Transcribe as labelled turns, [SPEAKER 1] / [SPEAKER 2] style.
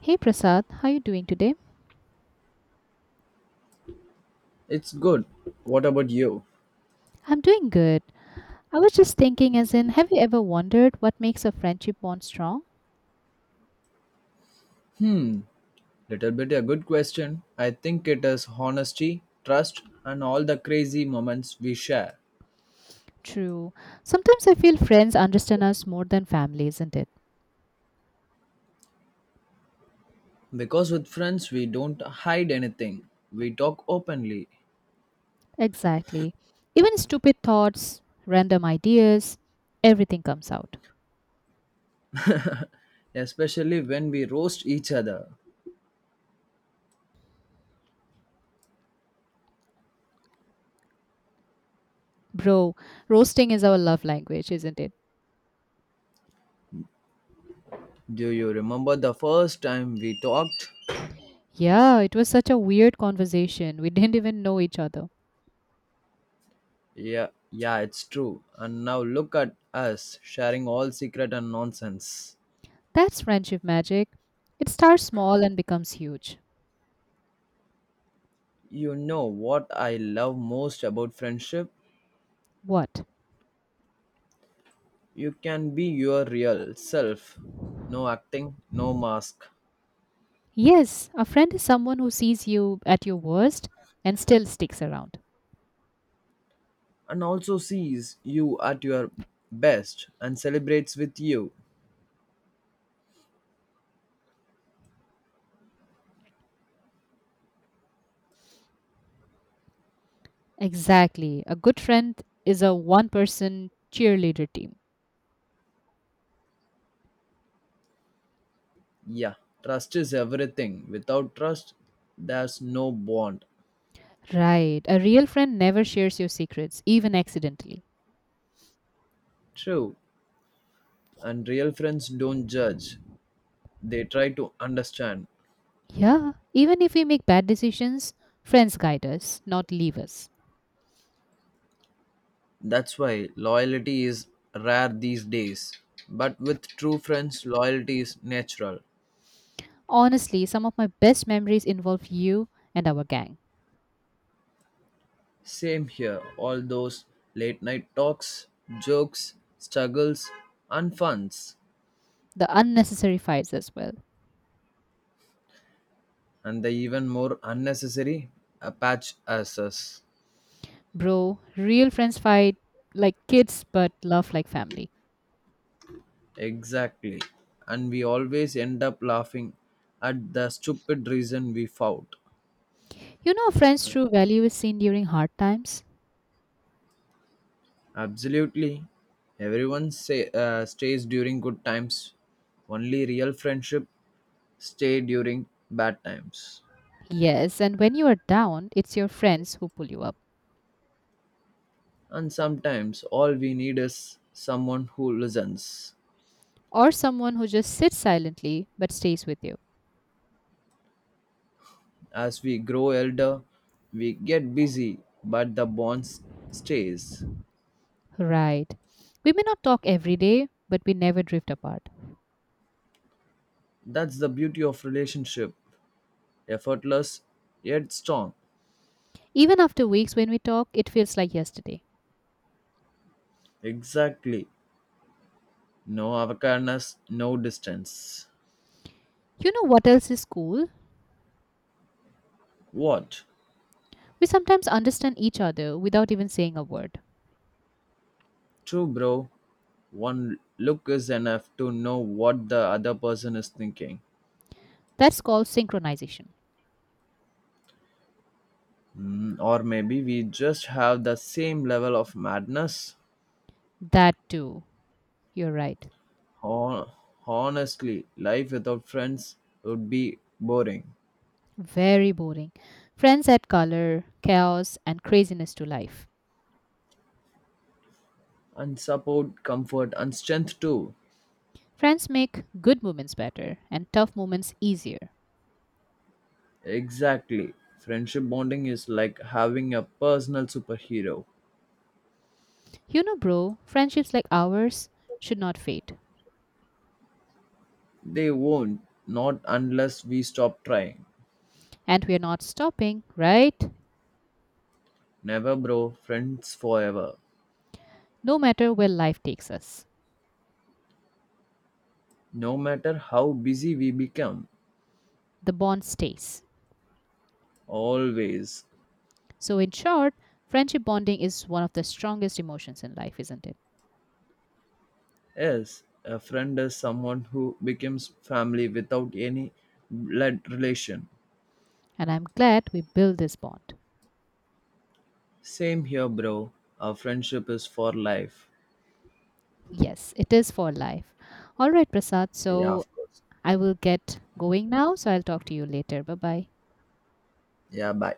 [SPEAKER 1] Hey Prasad, how you doing today?
[SPEAKER 2] It's good. What about you?
[SPEAKER 1] I'm doing good. I was just thinking, as in, have you ever wondered what makes a friendship bond strong?
[SPEAKER 2] Hmm, little bit a good question. I think it is honesty, trust, and all the crazy moments we share.
[SPEAKER 1] True. Sometimes I feel friends understand us more than family, isn't it?
[SPEAKER 2] Because with friends, we don't hide anything, we talk openly,
[SPEAKER 1] Exactly. Even stupid thoughts, random ideas, everything comes out.
[SPEAKER 2] especially when we roast each other.
[SPEAKER 1] Bro, roasting is our love language, isn't it?
[SPEAKER 2] Do you remember the first time we talked?
[SPEAKER 1] Yeah, it was such a weird conversation. We didn't even know each other.
[SPEAKER 2] Yeah, yeah, it's true. And now look at us sharing all secret and nonsense.
[SPEAKER 1] That's friendship magic. It starts small and becomes huge.
[SPEAKER 2] You know what I love most about friendship?
[SPEAKER 1] What?
[SPEAKER 2] You can be your real self, no acting, no mask,
[SPEAKER 1] Yes, a friend is someone who sees you at your worst and still sticks around.
[SPEAKER 2] and also sees you at your best and celebrates with you.
[SPEAKER 1] Exactly. A good friend is a one person cheerleader team.
[SPEAKER 2] Yeah, trust is everything. Without trust, there's no bond.
[SPEAKER 1] Right. A real friend never shares your secrets, even accidentally.
[SPEAKER 2] True, and real friends don't judge, they try to understand.
[SPEAKER 1] Yeah. Even if we make bad decisions, friends guide us, not leave us.
[SPEAKER 2] That's why loyalty is rare these days. But with true friends, loyalty is natural.
[SPEAKER 1] Honestly, some of my best memories involve you and our gang.
[SPEAKER 2] Same here. All those late night talks, jokes, struggles, and funs,
[SPEAKER 1] The unnecessary fights as well.
[SPEAKER 2] and the even more unnecessary Apache us.
[SPEAKER 1] Bro, real friends fight like kids but love like family.
[SPEAKER 2] Exactly. And we always end up laughing at the stupid reason we fought.
[SPEAKER 1] You know, a friend's true value is seen during hard times.
[SPEAKER 2] Absolutely. Everyone say stays during good times. Only real friendship stay during bad times.
[SPEAKER 1] Yes, and when you are down, it's your friends who pull you up,
[SPEAKER 2] And sometimes all we need is someone who listens.
[SPEAKER 1] or someone who just sits silently but stays with you.
[SPEAKER 2] As we grow elder, we get busy, but the bonds stays.
[SPEAKER 1] Right. We may not talk every day, but we never drift apart.
[SPEAKER 2] That's the beauty of relationship. Effortless yet strong.
[SPEAKER 1] Even after weeks when we talk, it feels like yesterday.
[SPEAKER 2] Exactly. No avocadness, no distance.
[SPEAKER 1] You know what else is cool?
[SPEAKER 2] What?
[SPEAKER 1] We sometimes understand each other without even saying a word.
[SPEAKER 2] True, bro. One look is enough to know what the other person is thinking.
[SPEAKER 1] That's called synchronization.
[SPEAKER 2] Mm, or maybe we just have the same level of madness.
[SPEAKER 1] That too. You're right.
[SPEAKER 2] Hon- Honestly, life without friends would be boring.
[SPEAKER 1] Very boring. Friends add color, chaos, and craziness to life.
[SPEAKER 2] And support, comfort, and strength too.
[SPEAKER 1] Friends make good moments better and tough moments easier.
[SPEAKER 2] Exactly. Friendship bonding is like having a personal superhero.
[SPEAKER 1] You know, bro, friendships like ours should not fade.
[SPEAKER 2] They won't, not unless we stop trying.
[SPEAKER 1] And we are not stopping, right?
[SPEAKER 2] Never, bro, friends forever.
[SPEAKER 1] No matter where life takes us,
[SPEAKER 2] No matter how busy we become,
[SPEAKER 1] the bond stays.
[SPEAKER 2] always.
[SPEAKER 1] So, in short, friendship bonding is one of the strongest emotions in life, isn't it?
[SPEAKER 2] Yes, a friend is someone who becomes family without any blood relation.
[SPEAKER 1] And I'm glad we built this bond.
[SPEAKER 2] Same here, bro. Our friendship is for life.
[SPEAKER 1] Yes, it is for life. All right, Prasad.
[SPEAKER 2] Yeah,
[SPEAKER 1] So,
[SPEAKER 2] of course.
[SPEAKER 1] I will get going now. So, I'll talk to you later. Bye bye.
[SPEAKER 2] Yeah, bye.